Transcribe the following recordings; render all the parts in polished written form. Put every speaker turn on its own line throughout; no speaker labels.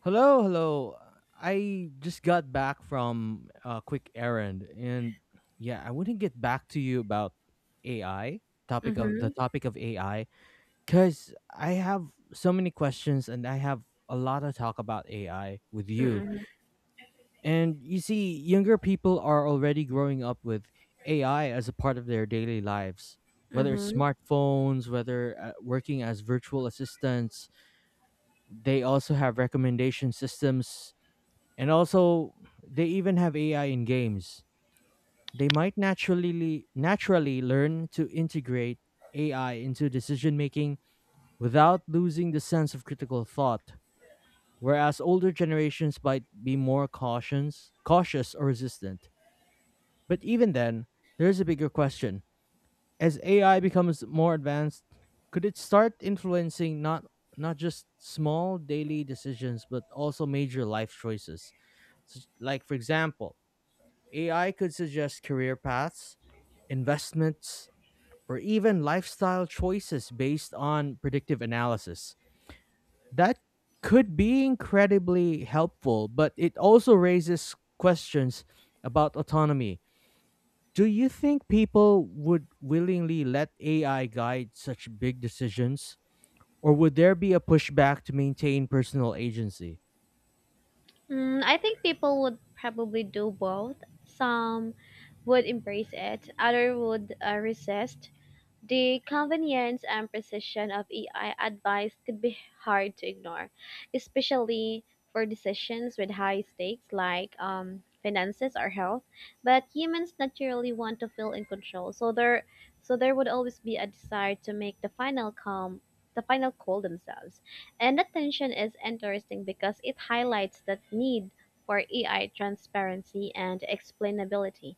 Hello, hello. I just got back from a quick errand and yeah, I wouldn't get back to you about AI, topic of the
Mhm.
topic of AI cuz I have so many questions and I have a lot of talk about AI with
Mm,
you.
Mhm.
And you see, younger people are already growing up with AI as a part of their daily lives. Whether it's
Mhm.
smartphones, whether working as virtual assistants, they also have recommendation systems and also, they even have AI in games. They might naturally learn to integrate AI into decision making without losing the sense of critical thought, whereas older generations might be more cautious or resistant. But even then, there's a bigger question. As AI becomes more advanced, could it start influencing not just small daily decisions but also major life choices? Like for example, AI could suggest career paths, investments, or even lifestyle choices based on predictive analysis. That could be incredibly helpful, but it also raises questions about autonomy. Do you think people would willingly let AI guide such big decisions? Or would there be a pushback to maintain personal agency?
Mm, I think people would probably do both. Some would embrace it, other would resist. The convenience and precision of AI advice could be hard to ignore, especially for decisions with high stakes like finances or health. But humans naturally want to feel in control, so there would always be a desire to make the final call themselves. And that tension is interesting because it highlights that need for AI transparency and explainability.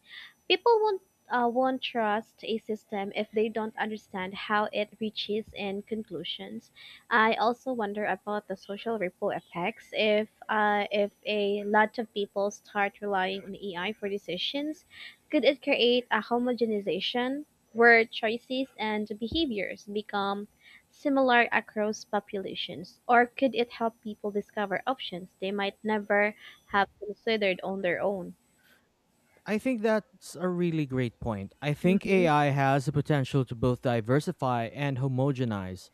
People won't trust a system if they don't understand how it reaches in conclusions. I also wonder about the social ripple effects. If a lot of people start relying on AI for decisions, could it create a homogenization where choices and behaviors become similar across populations, or could it help people discover options they might never have considered on their own?
I think that's a really great point. I think
Mhm.
AI has the potential to both diversify and homogenize.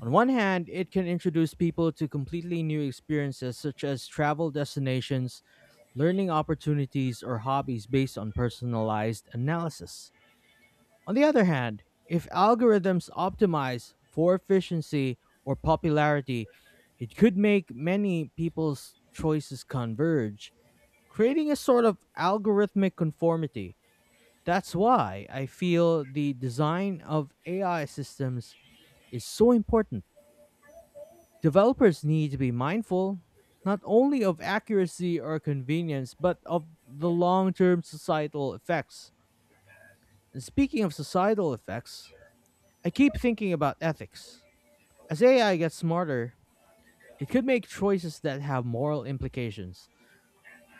On one hand, it can introduce people to completely new experiences such as travel destinations, learning opportunities, or hobbies based on personalized analysis. On the other hand, if algorithms optimize for efficiency or popularity, it could make many people's choices converge, creating a sort of algorithmic conformity. That's why I feel the design of AI systems is so important. Developers need to be mindful not only of accuracy or convenience, but of the long term societal effects. And speaking of societal effects, I keep thinking about ethics. As AI gets smarter, it could make choices that have moral implications.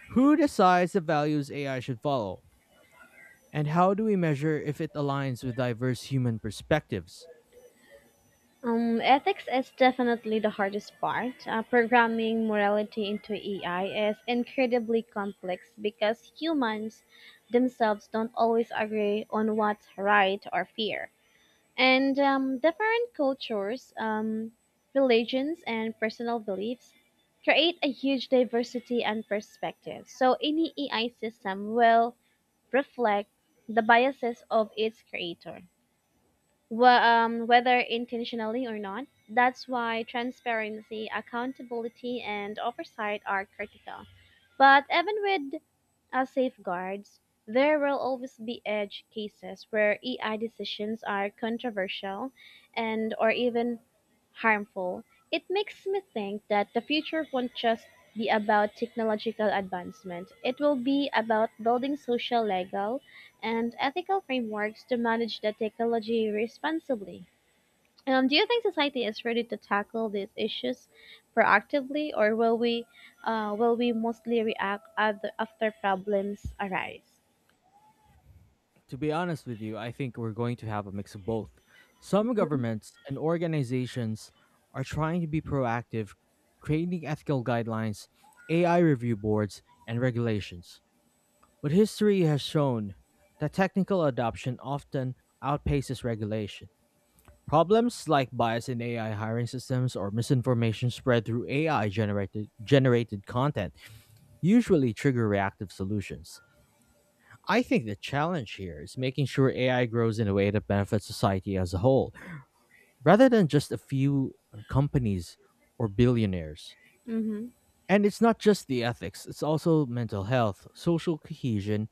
Who decides the values AI should follow? And how do we measure if it aligns with diverse human perspectives?
Ethics is definitely the hardest part. Programming morality into AI is incredibly complex because humans themselves don't always agree on what's right or fair. And different cultures, religions, and personal beliefs create a huge diversity and perspective. So any AI system will reflect the biases of its creator whether intentionally or not. That's why transparency, accountability, and oversight are critical. But even with as safeguards, there will always be edge cases where AI decisions are controversial and or even harmful. It makes me think that the future won't just be about technological advancement. It will be about building social, legal, and ethical frameworks to manage the technology responsibly. Do you think society is ready to tackle these issues proactively, or will we mostly react at after problems arise?
To be honest with you, I think we're going to have a mix of both. Some governments and organizations are trying to be proactive, creating ethical guidelines, AI review boards, and regulations. But history has shown that technical adoption often outpaces regulation. Problems like bias in AI hiring systems or misinformation spread through AI generated content usually trigger reactive solutions. I think the challenge here is making sure AI grows in a way that benefits society as a whole, rather than just a few companies or billionaires.
Mm-hmm.
And it's not just the ethics, it's also mental health, social cohesion,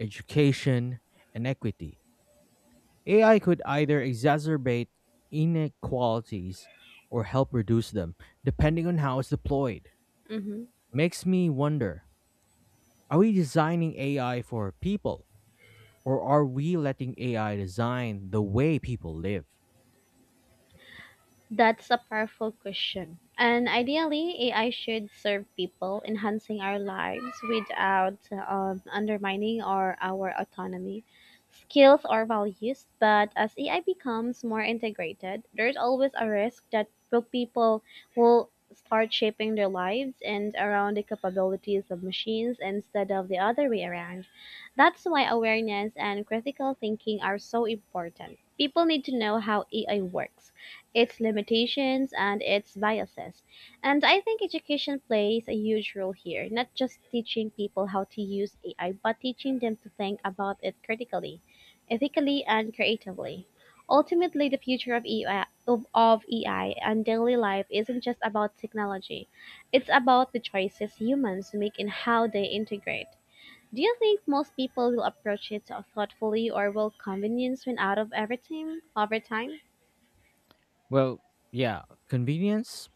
education, and equity. AI could either exacerbate inequalities or help reduce them, depending on how it's deployed.
Mm-hmm.
Makes me wonder, are we designing AI for people? Or are we letting AI design the way people live?
That's a powerful question. And ideally, AI should serve people, enhancing our lives without undermining our autonomy, skills, or values. But as AI becomes more integrated, there's always a risk that will people will start shaping their lives and around the capabilities of machines instead of the other way around. That's why awareness and critical thinking are so important. People need to know how AI works, its limitations and its biases. And I think education plays a huge role here, not just teaching people how to use AI, but teaching them to think about it critically, ethically, and creatively. Ultimately, the future of AI and daily life isn't just about technology, it's about the choices humans make and how they integrate. Do you think most people will approach it thoughtfully or will convenience win out of everything over time?
Well, yeah, convenience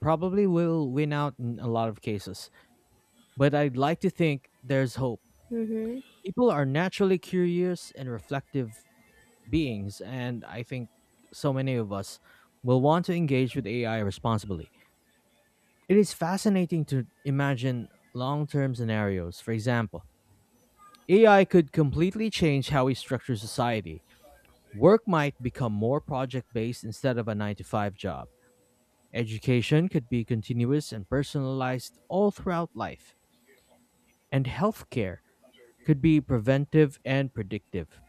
probably will win out in a lot of cases, but I'd like to think there's hope.
Mm-hmm.
People are naturally curious and reflective beings, and I think so many of us will want to engage with AI responsibly. It is fascinating to imagine long term scenarios. For example, AI could completely change how we structure society. Work might become more project based instead of a 9 to 5 job. Education could be continuous and personalized all throughout life. And healthcare could be preventive and predictive.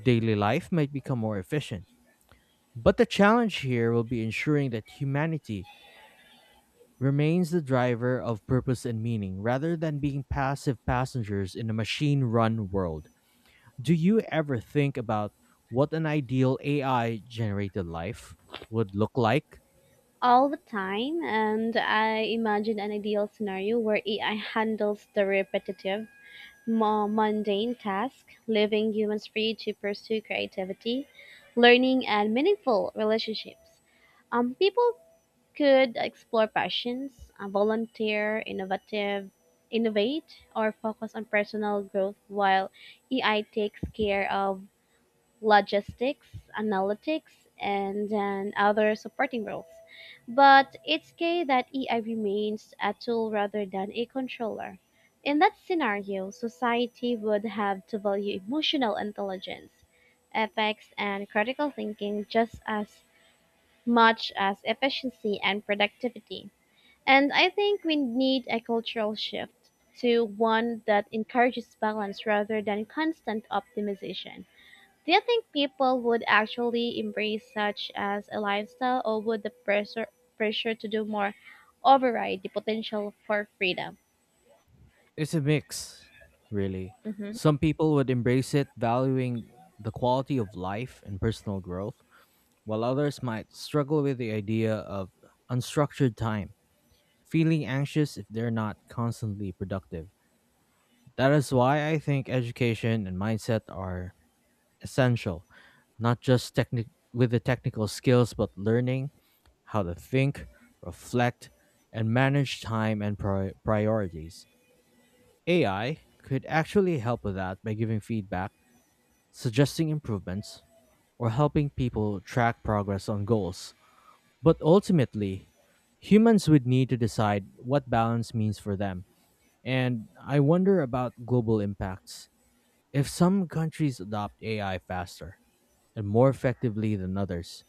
Daily life might become more efficient. But the challenge here will be ensuring that humanity remains the driver of purpose and meaning rather than being passive passengers in a machine run world. Do you ever think about what an ideal AI generated life would look like?
All the time, and I imagine an ideal scenario where AI handles the repetitive, more mundane task, leaving humans free to pursue creativity, learning, and meaningful relationships. People could explore passions, volunteer, innovative, innovate, or focus on personal growth while AI takes care of logistics, analytics, and then other supporting roles. But it's key that AI remains a tool rather than a controller. In that scenario, society would have to value emotional intelligence, ethics, and critical thinking just as much as efficiency and productivity. And I think we need a cultural shift to one that encourages balance rather than constant optimization. Do you think people would actually embrace such as a lifestyle, or would the pressure to do more override the potential for freedom?
It's a mix, really.
Hmm.
Some people would embrace it, valuing the quality of life and personal growth, while others might struggle with the idea of unstructured time, feeling anxious if they're not constantly productive. That is why I think education and mindset are essential, not just with the technical skills, but learning how to think, reflect, and manage time and priorities. AI could actually help with that by giving feedback, suggesting improvements, or helping people track progress on goals. But ultimately, humans would need to decide what balance means for them. And I wonder about global impacts. If some countries adopt AI faster and more effectively than others,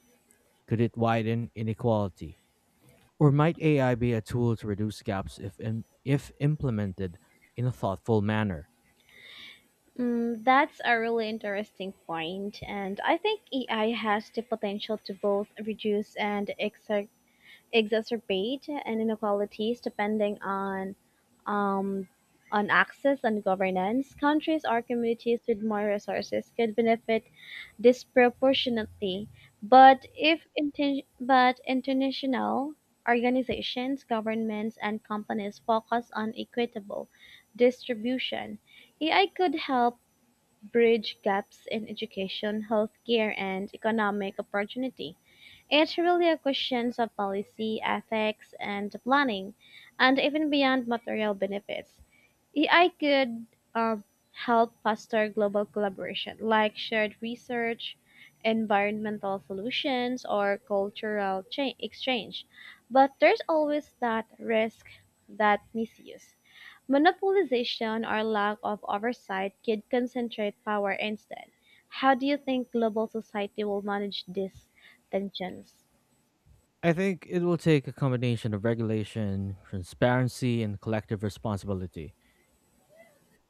could it widen inequality? Or might AI be a tool to reduce gaps if implemented in a thoughtful manner?
Mm, that's a really interesting point, and I think AI has the potential to both reduce and exacerbate and inequalities depending um, on access and governance. Countries or communities with more resources could benefit disproportionately, but if inten- but international organizations, governments, and companies focus on equitable distribution. AI could help bridge gaps in education, healthcare, and economic opportunity. It's really a question of policy, ethics, and planning, and even beyond material benefits. AI could um, help foster global collaboration, like shared research, environmental solutions, or exchange. But there's always that risk that misuse. Monopolization or lack of oversight could concentrate power instead. How do you think global society will manage these tensions?
I think it will take a combination of regulation, transparency, and collective responsibility.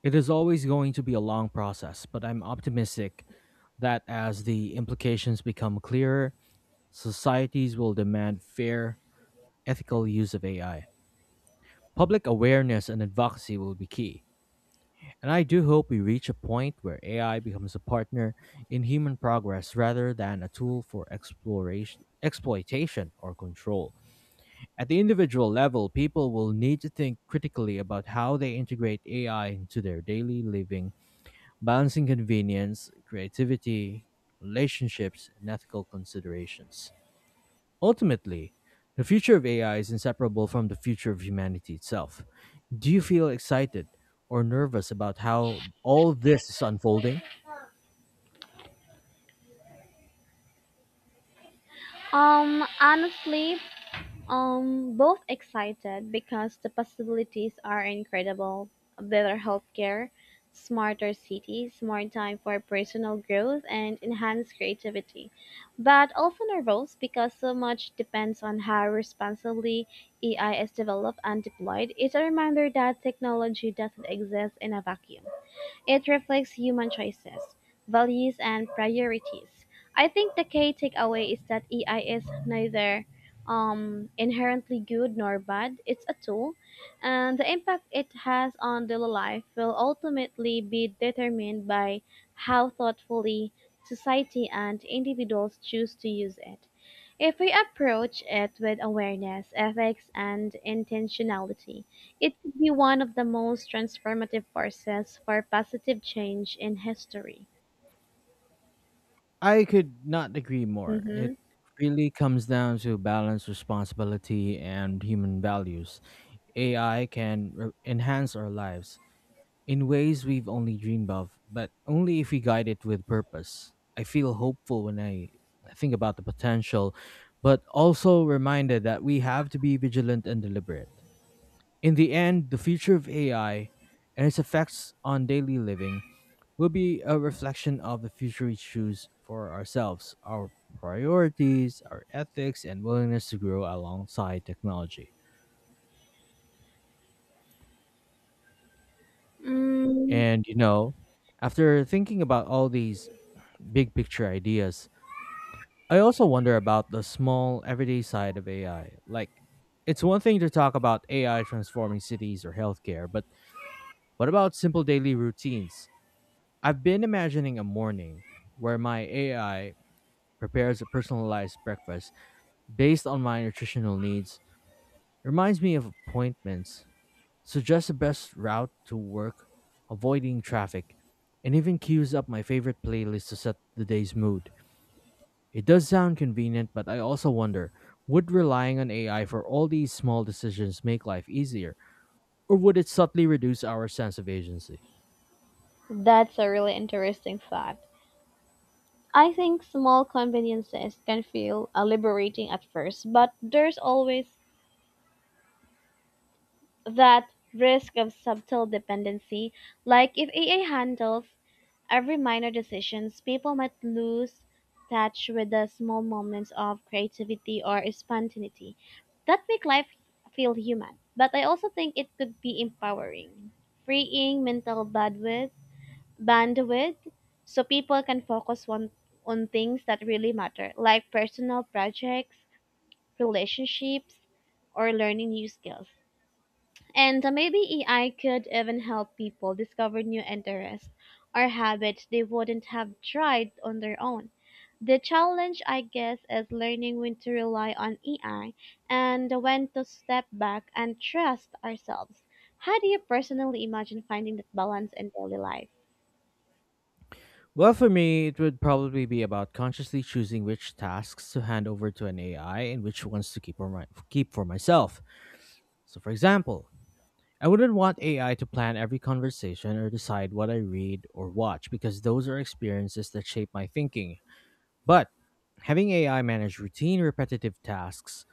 It is always going to be a long process, but I'm optimistic that as the implications become clearer, societies will demand fair, ethical use of AI. Public awareness and advocacy will be key. And I do hope we reach a point where AI becomes a partner in human progress rather than a tool for exploration, exploitation or control. At the individual level, people will need to think critically about how they integrate AI into their daily living, balancing convenience, creativity, relationships, and ethical considerations. Ultimately, the future of AI is inseparable from the future of humanity itself. Do you feel excited or nervous about how all this is unfolding?
Honestly, both excited because the possibilities are incredible. Better healthcare, smarter cities, more time for personal growth, and enhanced creativity. But also nervous because so much depends on how responsibly AI is developed and deployed. It's a reminder that technology doesn't exist in a vacuum. It reflects human choices, values, and priorities. I think the key takeaway is that AI is neither inherently good nor bad. It's a tool, and the impact it has on daily life will ultimately be determined by how thoughtfully society and individuals choose to use it. If we approach it with awareness, ethics, and intentionality, it could be one of the most transformative forces for positive change in history.
I could not agree more. It
Mm-hmm.
really comes down to balance, responsibility, and human values. AI can enhance our lives in ways we've only dreamed of, but only if we guide it with purpose. I feel hopeful when I think about the potential, but also reminded that we have to be vigilant and deliberate. In the end, the future of AI and its effects on daily living will be a reflection of the future we choose for ourselves, our priorities, our ethics, and willingness to grow alongside technology.
Mm,
And you know, after thinking about all these big picture ideas, I also wonder about the small everyday side of AI. Like, it's one thing to talk about AI transforming cities or healthcare, but what about simple daily routines? I've been imagining a morning where my AI prepares a personalized breakfast based on my nutritional needs, reminds me of appointments, suggests the best route to work, avoiding traffic, and even queues up my favorite playlist to set the day's mood. It does sound convenient, but I also wonder, would relying on AI for all these small decisions make life easier, or would it subtly reduce our sense of agency?
that's a really interesting thought. I think small conveniences can feel liberating at first, but there's always that risk of subtle dependency. Like if AI handles every minor decisions, people might lose touch with the small moments of creativity or spontaneity that make life feel human. But I also think it could be empowering, freeing mental bandwidth so people can focus on things that really matter, like personal projects, relationships, or learning new skills. And maybe AI could even help people discover new interests or habits they wouldn't have tried on their own. The challenge, I guess, is learning when to rely on AI and when to step back and trust ourselves. How do you personally imagine finding that balance in daily life?
Well, for me, it would probably be about consciously choosing which tasks to hand over to an AI and which ones to keep, keep for myself. So, for example, I wouldn't want AI to plan every conversation or decide what I read or watch because those are experiences that shape my thinking. But having AI manage routine repetitive tasks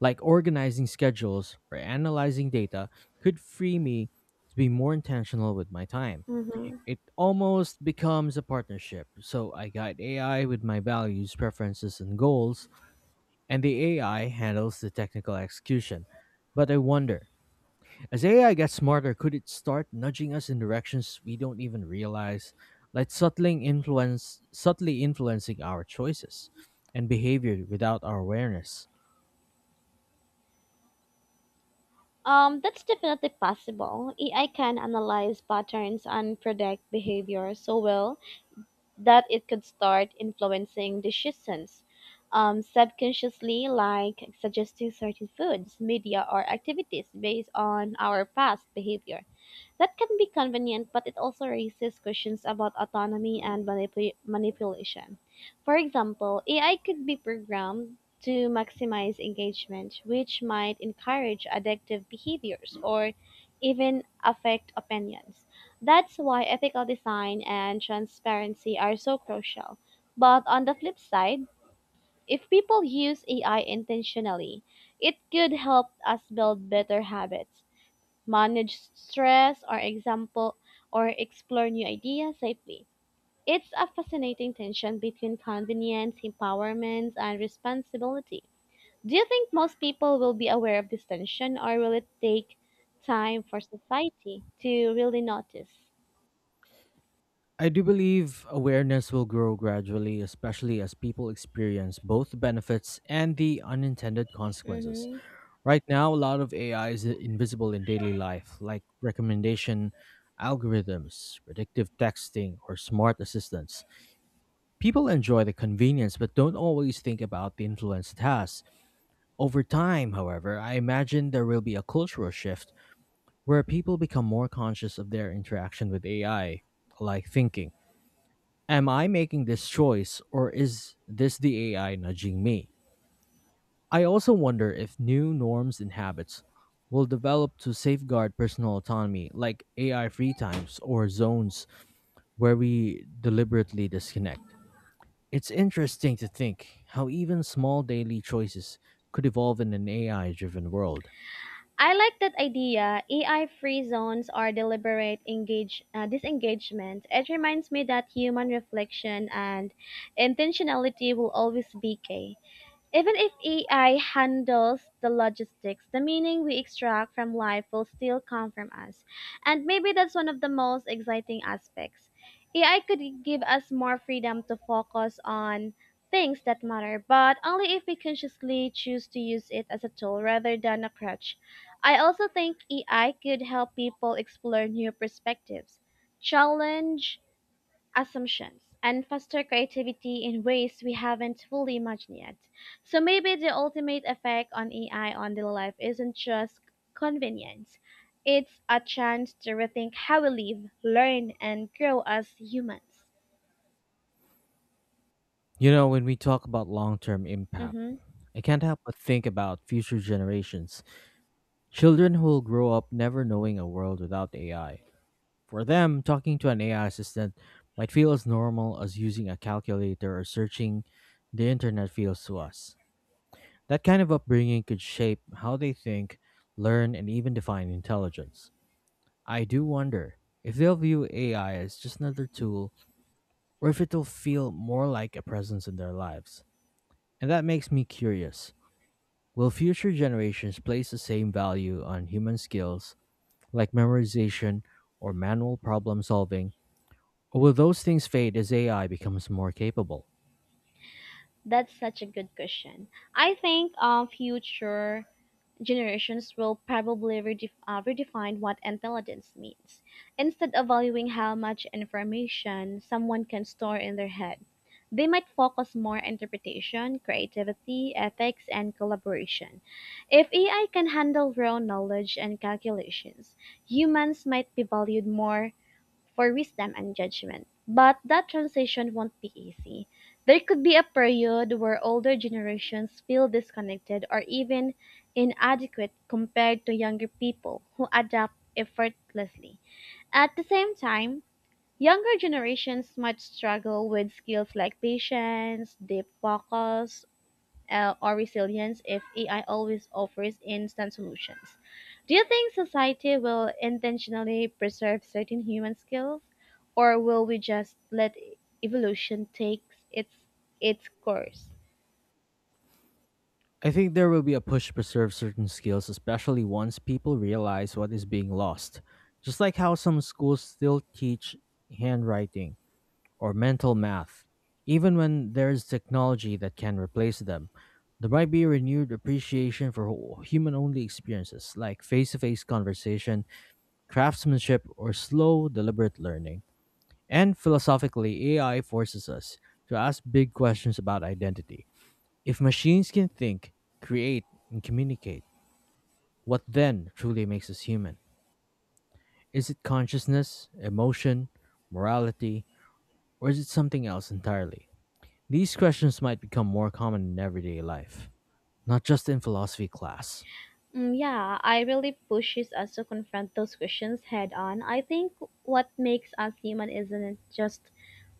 like organizing schedules or analyzing data could free me to be more intentional with my time.
Mm-hmm.
It almost becomes a partnership. So I guide AI with my values, preferences, and goals, and the AI handles the technical execution. But I wonder, as AI gets smarter, could it start nudging us in directions we don't even realize, like subtly influencing our choices and behavior without our awareness?
That's definitely possible. AI can analyze patterns and predict behavior so well that it could start influencing decisions subconsciously, like suggesting certain foods, media, or activities based on our past behavior. That can be convenient, but it also raises questions about autonomy and manipulation. For example, AI could be programmed to maximize engagement, which might encourage addictive behaviors or even affect opinions. That's why ethical design and transparency are so crucial. But on the flip side, if people use AI intentionally, it could help us build better habits, manage stress or example or explore new ideas safely. It's a fascinating tension between convenience, empowerment, and responsibility. Do you think most people will be aware of this tension or will it take time for society to really notice?
I do believe awareness will grow gradually, especially as people experience both the benefits and the unintended consequences.
Mm-hmm.
Right now, a lot of AI is invisible in daily life, like recommendation algorithms, predictive texting, or smart assistants. People enjoy the convenience but don't always think about the influence it has. Over time, however, I imagine there will be a cultural shift where people become more conscious of their interaction with AI, like thinking, am I making this choice or is this the AI nudging me? I also wonder if new norms and habits will develop to safeguard personal autonomy, like AI free times or zones where we deliberately disconnect. It's interesting to think how even small daily choices could evolve in an AI driven world.
I like that idea. AI free zones or deliberate engage disengagement. It reminds me that human reflection and intentionality will always be key. Even if AI handles the logistics, the meaning we extract from life will still come from us. And maybe that's one of the most exciting aspects. AI could give us more freedom to focus on things that matter, but only if we consciously choose to use it as a tool rather than a crutch. I also think AI could help people explore new perspectives, challenge assumptions and foster creativity in ways we haven't fully imagined yet. So maybe the ultimate effect on AI on daily life isn't just convenience. It's a chance to rethink how we live, learn, and grow as humans.
You know, when we talk about long term impact,
Mm-hmm.
I can't help but think about future generations. Children who will grow up never knowing a world without AI. For them, talking to an AI assistant might feel as normal as using a calculator or searching the internet feels to us. That kind of upbringing could shape how they think, learn, and even define intelligence. I do wonder if they'll view AI as just another tool or if it'll feel more like a presence in their lives. And that makes me curious. Will future generations place the same value on human skills like memorization or manual problem solving, or will those things fade as AI becomes more capable?
That's such a good question. I think future generations will probably redefine what intelligence means, instead of valuing how much information someone can store in their head. They might focus more on interpretation, creativity, ethics, and collaboration. If AI can handle raw knowledge and calculations, humans might be valued more for wisdom and judgment. But that transition won't be easy. There could be a period where older generations feel disconnected or even inadequate compared to younger people who adapt effortlessly. At the same time, younger generations might struggle with skills like patience, deep focus, or resilience if AI always offers instant solutions. Do you think society will intentionally preserve certain human skills, or will we just let evolution take its its course?
I think there will be a push to preserve certain skills, especially once people realize what is being lost, just like how some schools still teach handwriting or mental math. Even when there is technology that can replace them, there might be a renewed appreciation for human only experiences like face to face conversation, craftsmanship, or slow, deliberate learning. And philosophically, AI forces us to ask big questions about identity. If machines can think, create, and communicate, what then truly makes us human? Is it consciousness, emotion, morality, or is it something else entirely? These questions might become more common in everyday life, not just in philosophy class.
Mm, yeah, I really pushes us to confront those questions head on. I think what makes us human isn't just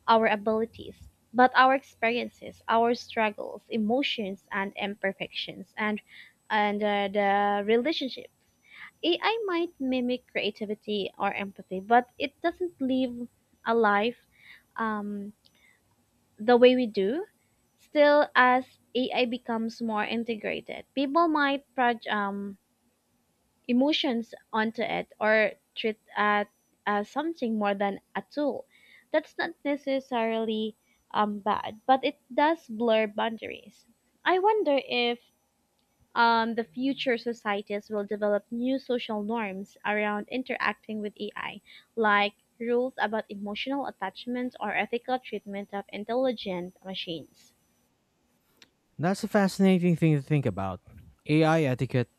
our abilities, but our experiences, our struggles, emotions, and imperfections, and the relationship. AI might mimic creativity or empathy, but it doesn't live a life um, the way we do. Still, as AI becomes more integrated, people might project emotions onto it or treat it as something more than a tool. That's not necessarily bad, but it does blur boundaries. I wonder if the future societies will develop new social norms around interacting with AI, like rules about emotional attachment or ethical treatment of intelligent machines.
That's a fascinating thing to think about. AI etiquette,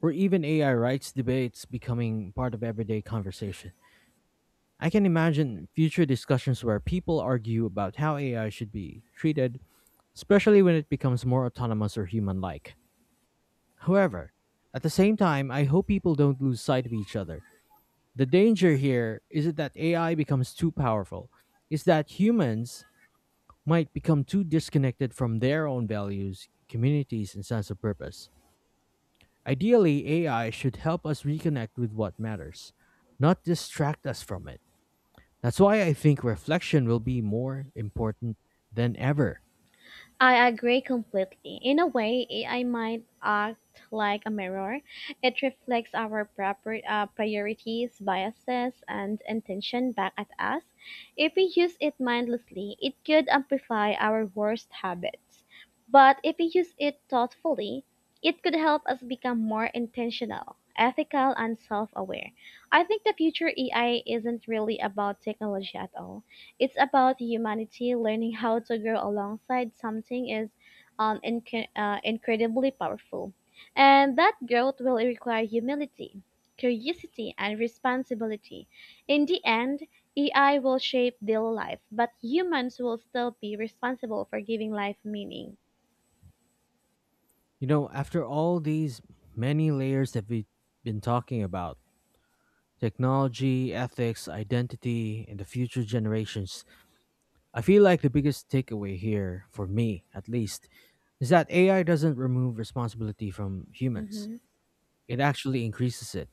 or even AI rights debates becoming part of everyday conversation. I can imagine future discussions where people argue about how AI should be treated, especially when it becomes more autonomous or human like. However, at the same time, I hope people don't lose sight of each other. The danger here is that AI becomes too powerful, is that humans might become too disconnected from their own values, communities, and sense of purpose. Ideally, AI should help us reconnect with what matters, not distract us from it. That's why I think reflection will be more important than ever.
I agree completely. In a way, AI might act like a mirror. It reflects our proper priorities, biases, and intention back at us. If we use it mindlessly, it could amplify our worst habits. But if we use it thoughtfully, it could help us become more intentional, ethical, and self aware. I think the future AI isn't really about technology at all. It's about humanity learning how to grow alongside something is incredibly powerful. And that growth will require humility, curiosity, and responsibility. In the end, AI will shape daily life, but humans will still be responsible for giving life meaning.
You know, after all these many layers that we've been talking about technology, ethics, identity, and the future generations, I feel like the biggest takeaway here, for me at least, is that AI doesn't remove responsibility from humans.
Hmm.
It actually increases it.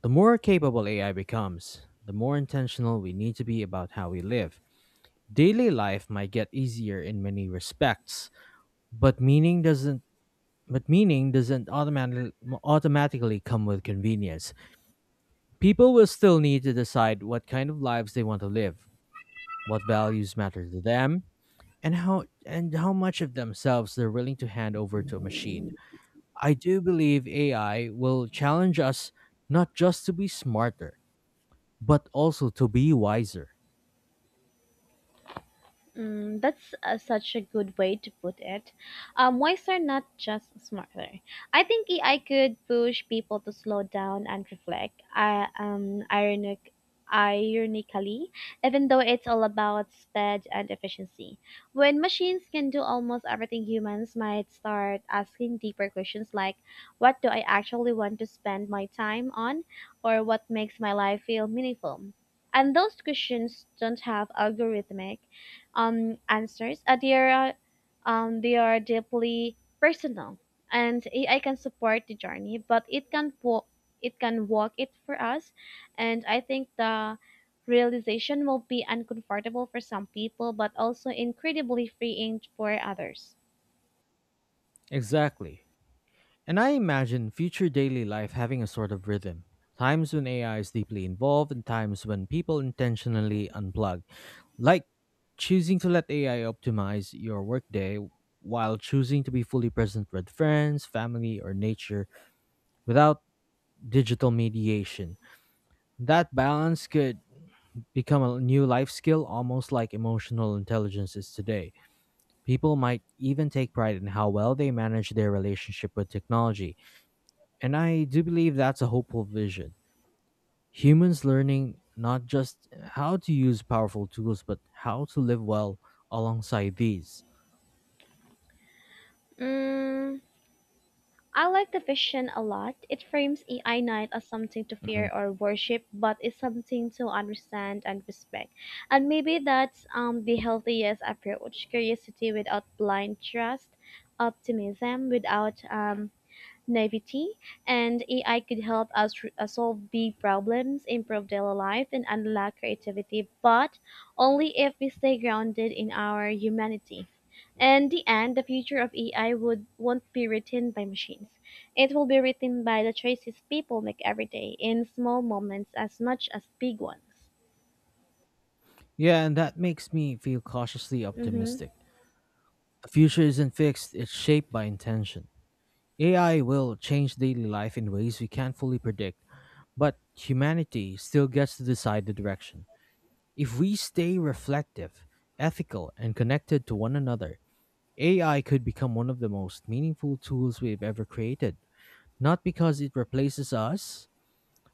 The more capable AI becomes, the more intentional we need to be about how we live. Daily life might get easier in many respects, but meaning doesn't but meaning doesn't automatically come with convenience. People will still need to decide what kind of lives they want to live, what values matter to them, and how much of themselves they're willing to hand over to a machine. I do believe AI will challenge us not just to be smarter, but also to be wiser.
Mm, that's such a good way to put it. Wise are not just smarter. I think AI could push people to slow down and reflect. Ironically, even though it's all about speed and efficiency, when machines can do almost everything, humans might start asking deeper questions like, "What do I actually want to spend my time on?" or "What makes my life feel meaningful?" And those questions don't have algorithmic answers. They are deeply personal, and AI can support the journey, but it can walk it for us, and I think the realization will be uncomfortable for some people, but also incredibly freeing for others.
Exactly. And I imagine future daily life having a sort of rhythm. Times when AI is deeply involved and times when people intentionally unplug. Like choosing to let AI optimize your workday while choosing to be fully present with friends, family, or nature without digital mediation. That balance could become a new life skill, almost like emotional intelligence is today. People might even take pride in how well they manage their relationship with technology. And I do believe that's a hopeful vision. Humans learning not just how to use powerful tools, but how to live well alongside these.
Mm, I like the vision a lot. It frames AI Knight as something to
Mhm.
fear or worship, but it's something to understand and respect. And maybe that's the healthiest approach: curiosity without blind trust, optimism without naivety, and AI could help us solve big problems, improve daily life, and unlock creativity, but only if we stay grounded in our humanity. In the end, the future of won't be written by machines. It will be written by the choices people make every day in small moments as much as big ones.
Yeah, and that makes me feel cautiously
Mm-hmm.
optimistic. The future isn't fixed, it's shaped by intention. AI will change daily life in ways we can't fully predict, but humanity still gets to decide the direction. If we stay reflective, ethical, and connected to one another, AI could become one of the most meaningful tools we've ever created. Not because it replaces us,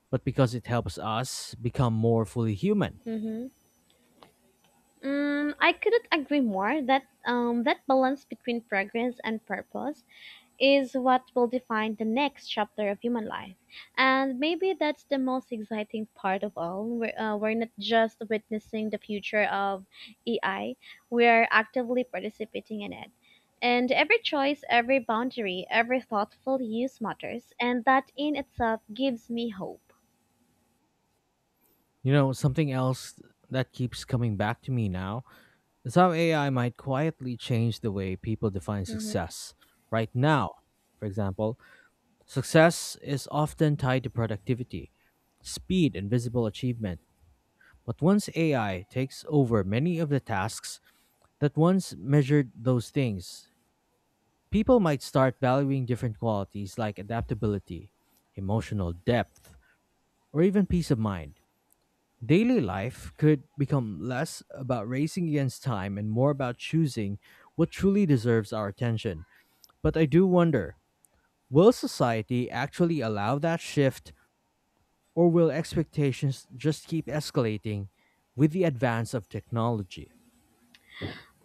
but because it helps us become more fully human.
Mm-hmm. Mm, I couldn't agree more that that balance between progress and purpose is what will define the next chapter of human life. And maybe that's the most exciting part of all. We're not just witnessing the future of AI, we are actively participating in it. And every choice, every boundary, every thoughtful use matters, and that in itself gives me hope.
You know, something else that keeps coming back to me now is how AI might quietly change the way people define success. Right now, for example, success is often tied to productivity, speed, and visible achievement. But once AI takes over many of the tasks that once measured those things, people might start valuing different qualities like adaptability, emotional depth, or even peace of mind. Daily life could become less about racing against time and more about choosing what truly deserves our attention. But I do wonder, will society actually allow that shift? Or will expectations just keep escalating with the advance of technology?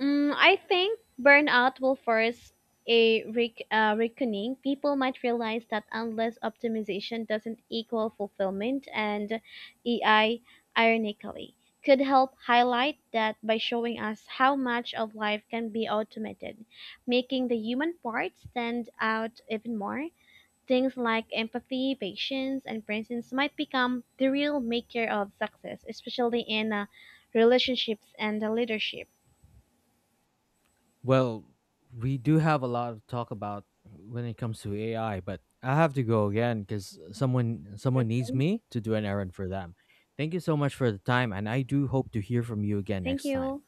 Mm, I think burnout will force a reckoning. People might realize that unless optimization doesn't equal fulfillment, and AI, ironically, could help highlight that by showing us how much of life can be automated, making the human part stand out even more. Things like empathy, patience, and presence might become the real maker of success, especially in relationships and leadership.
Well, we do have a lot to talk about when it comes to AI, but I have to go again because someone needs me to do an errand for them. Thank you so much for the time, and I do hope to hear from you again
Thank
next time.
you.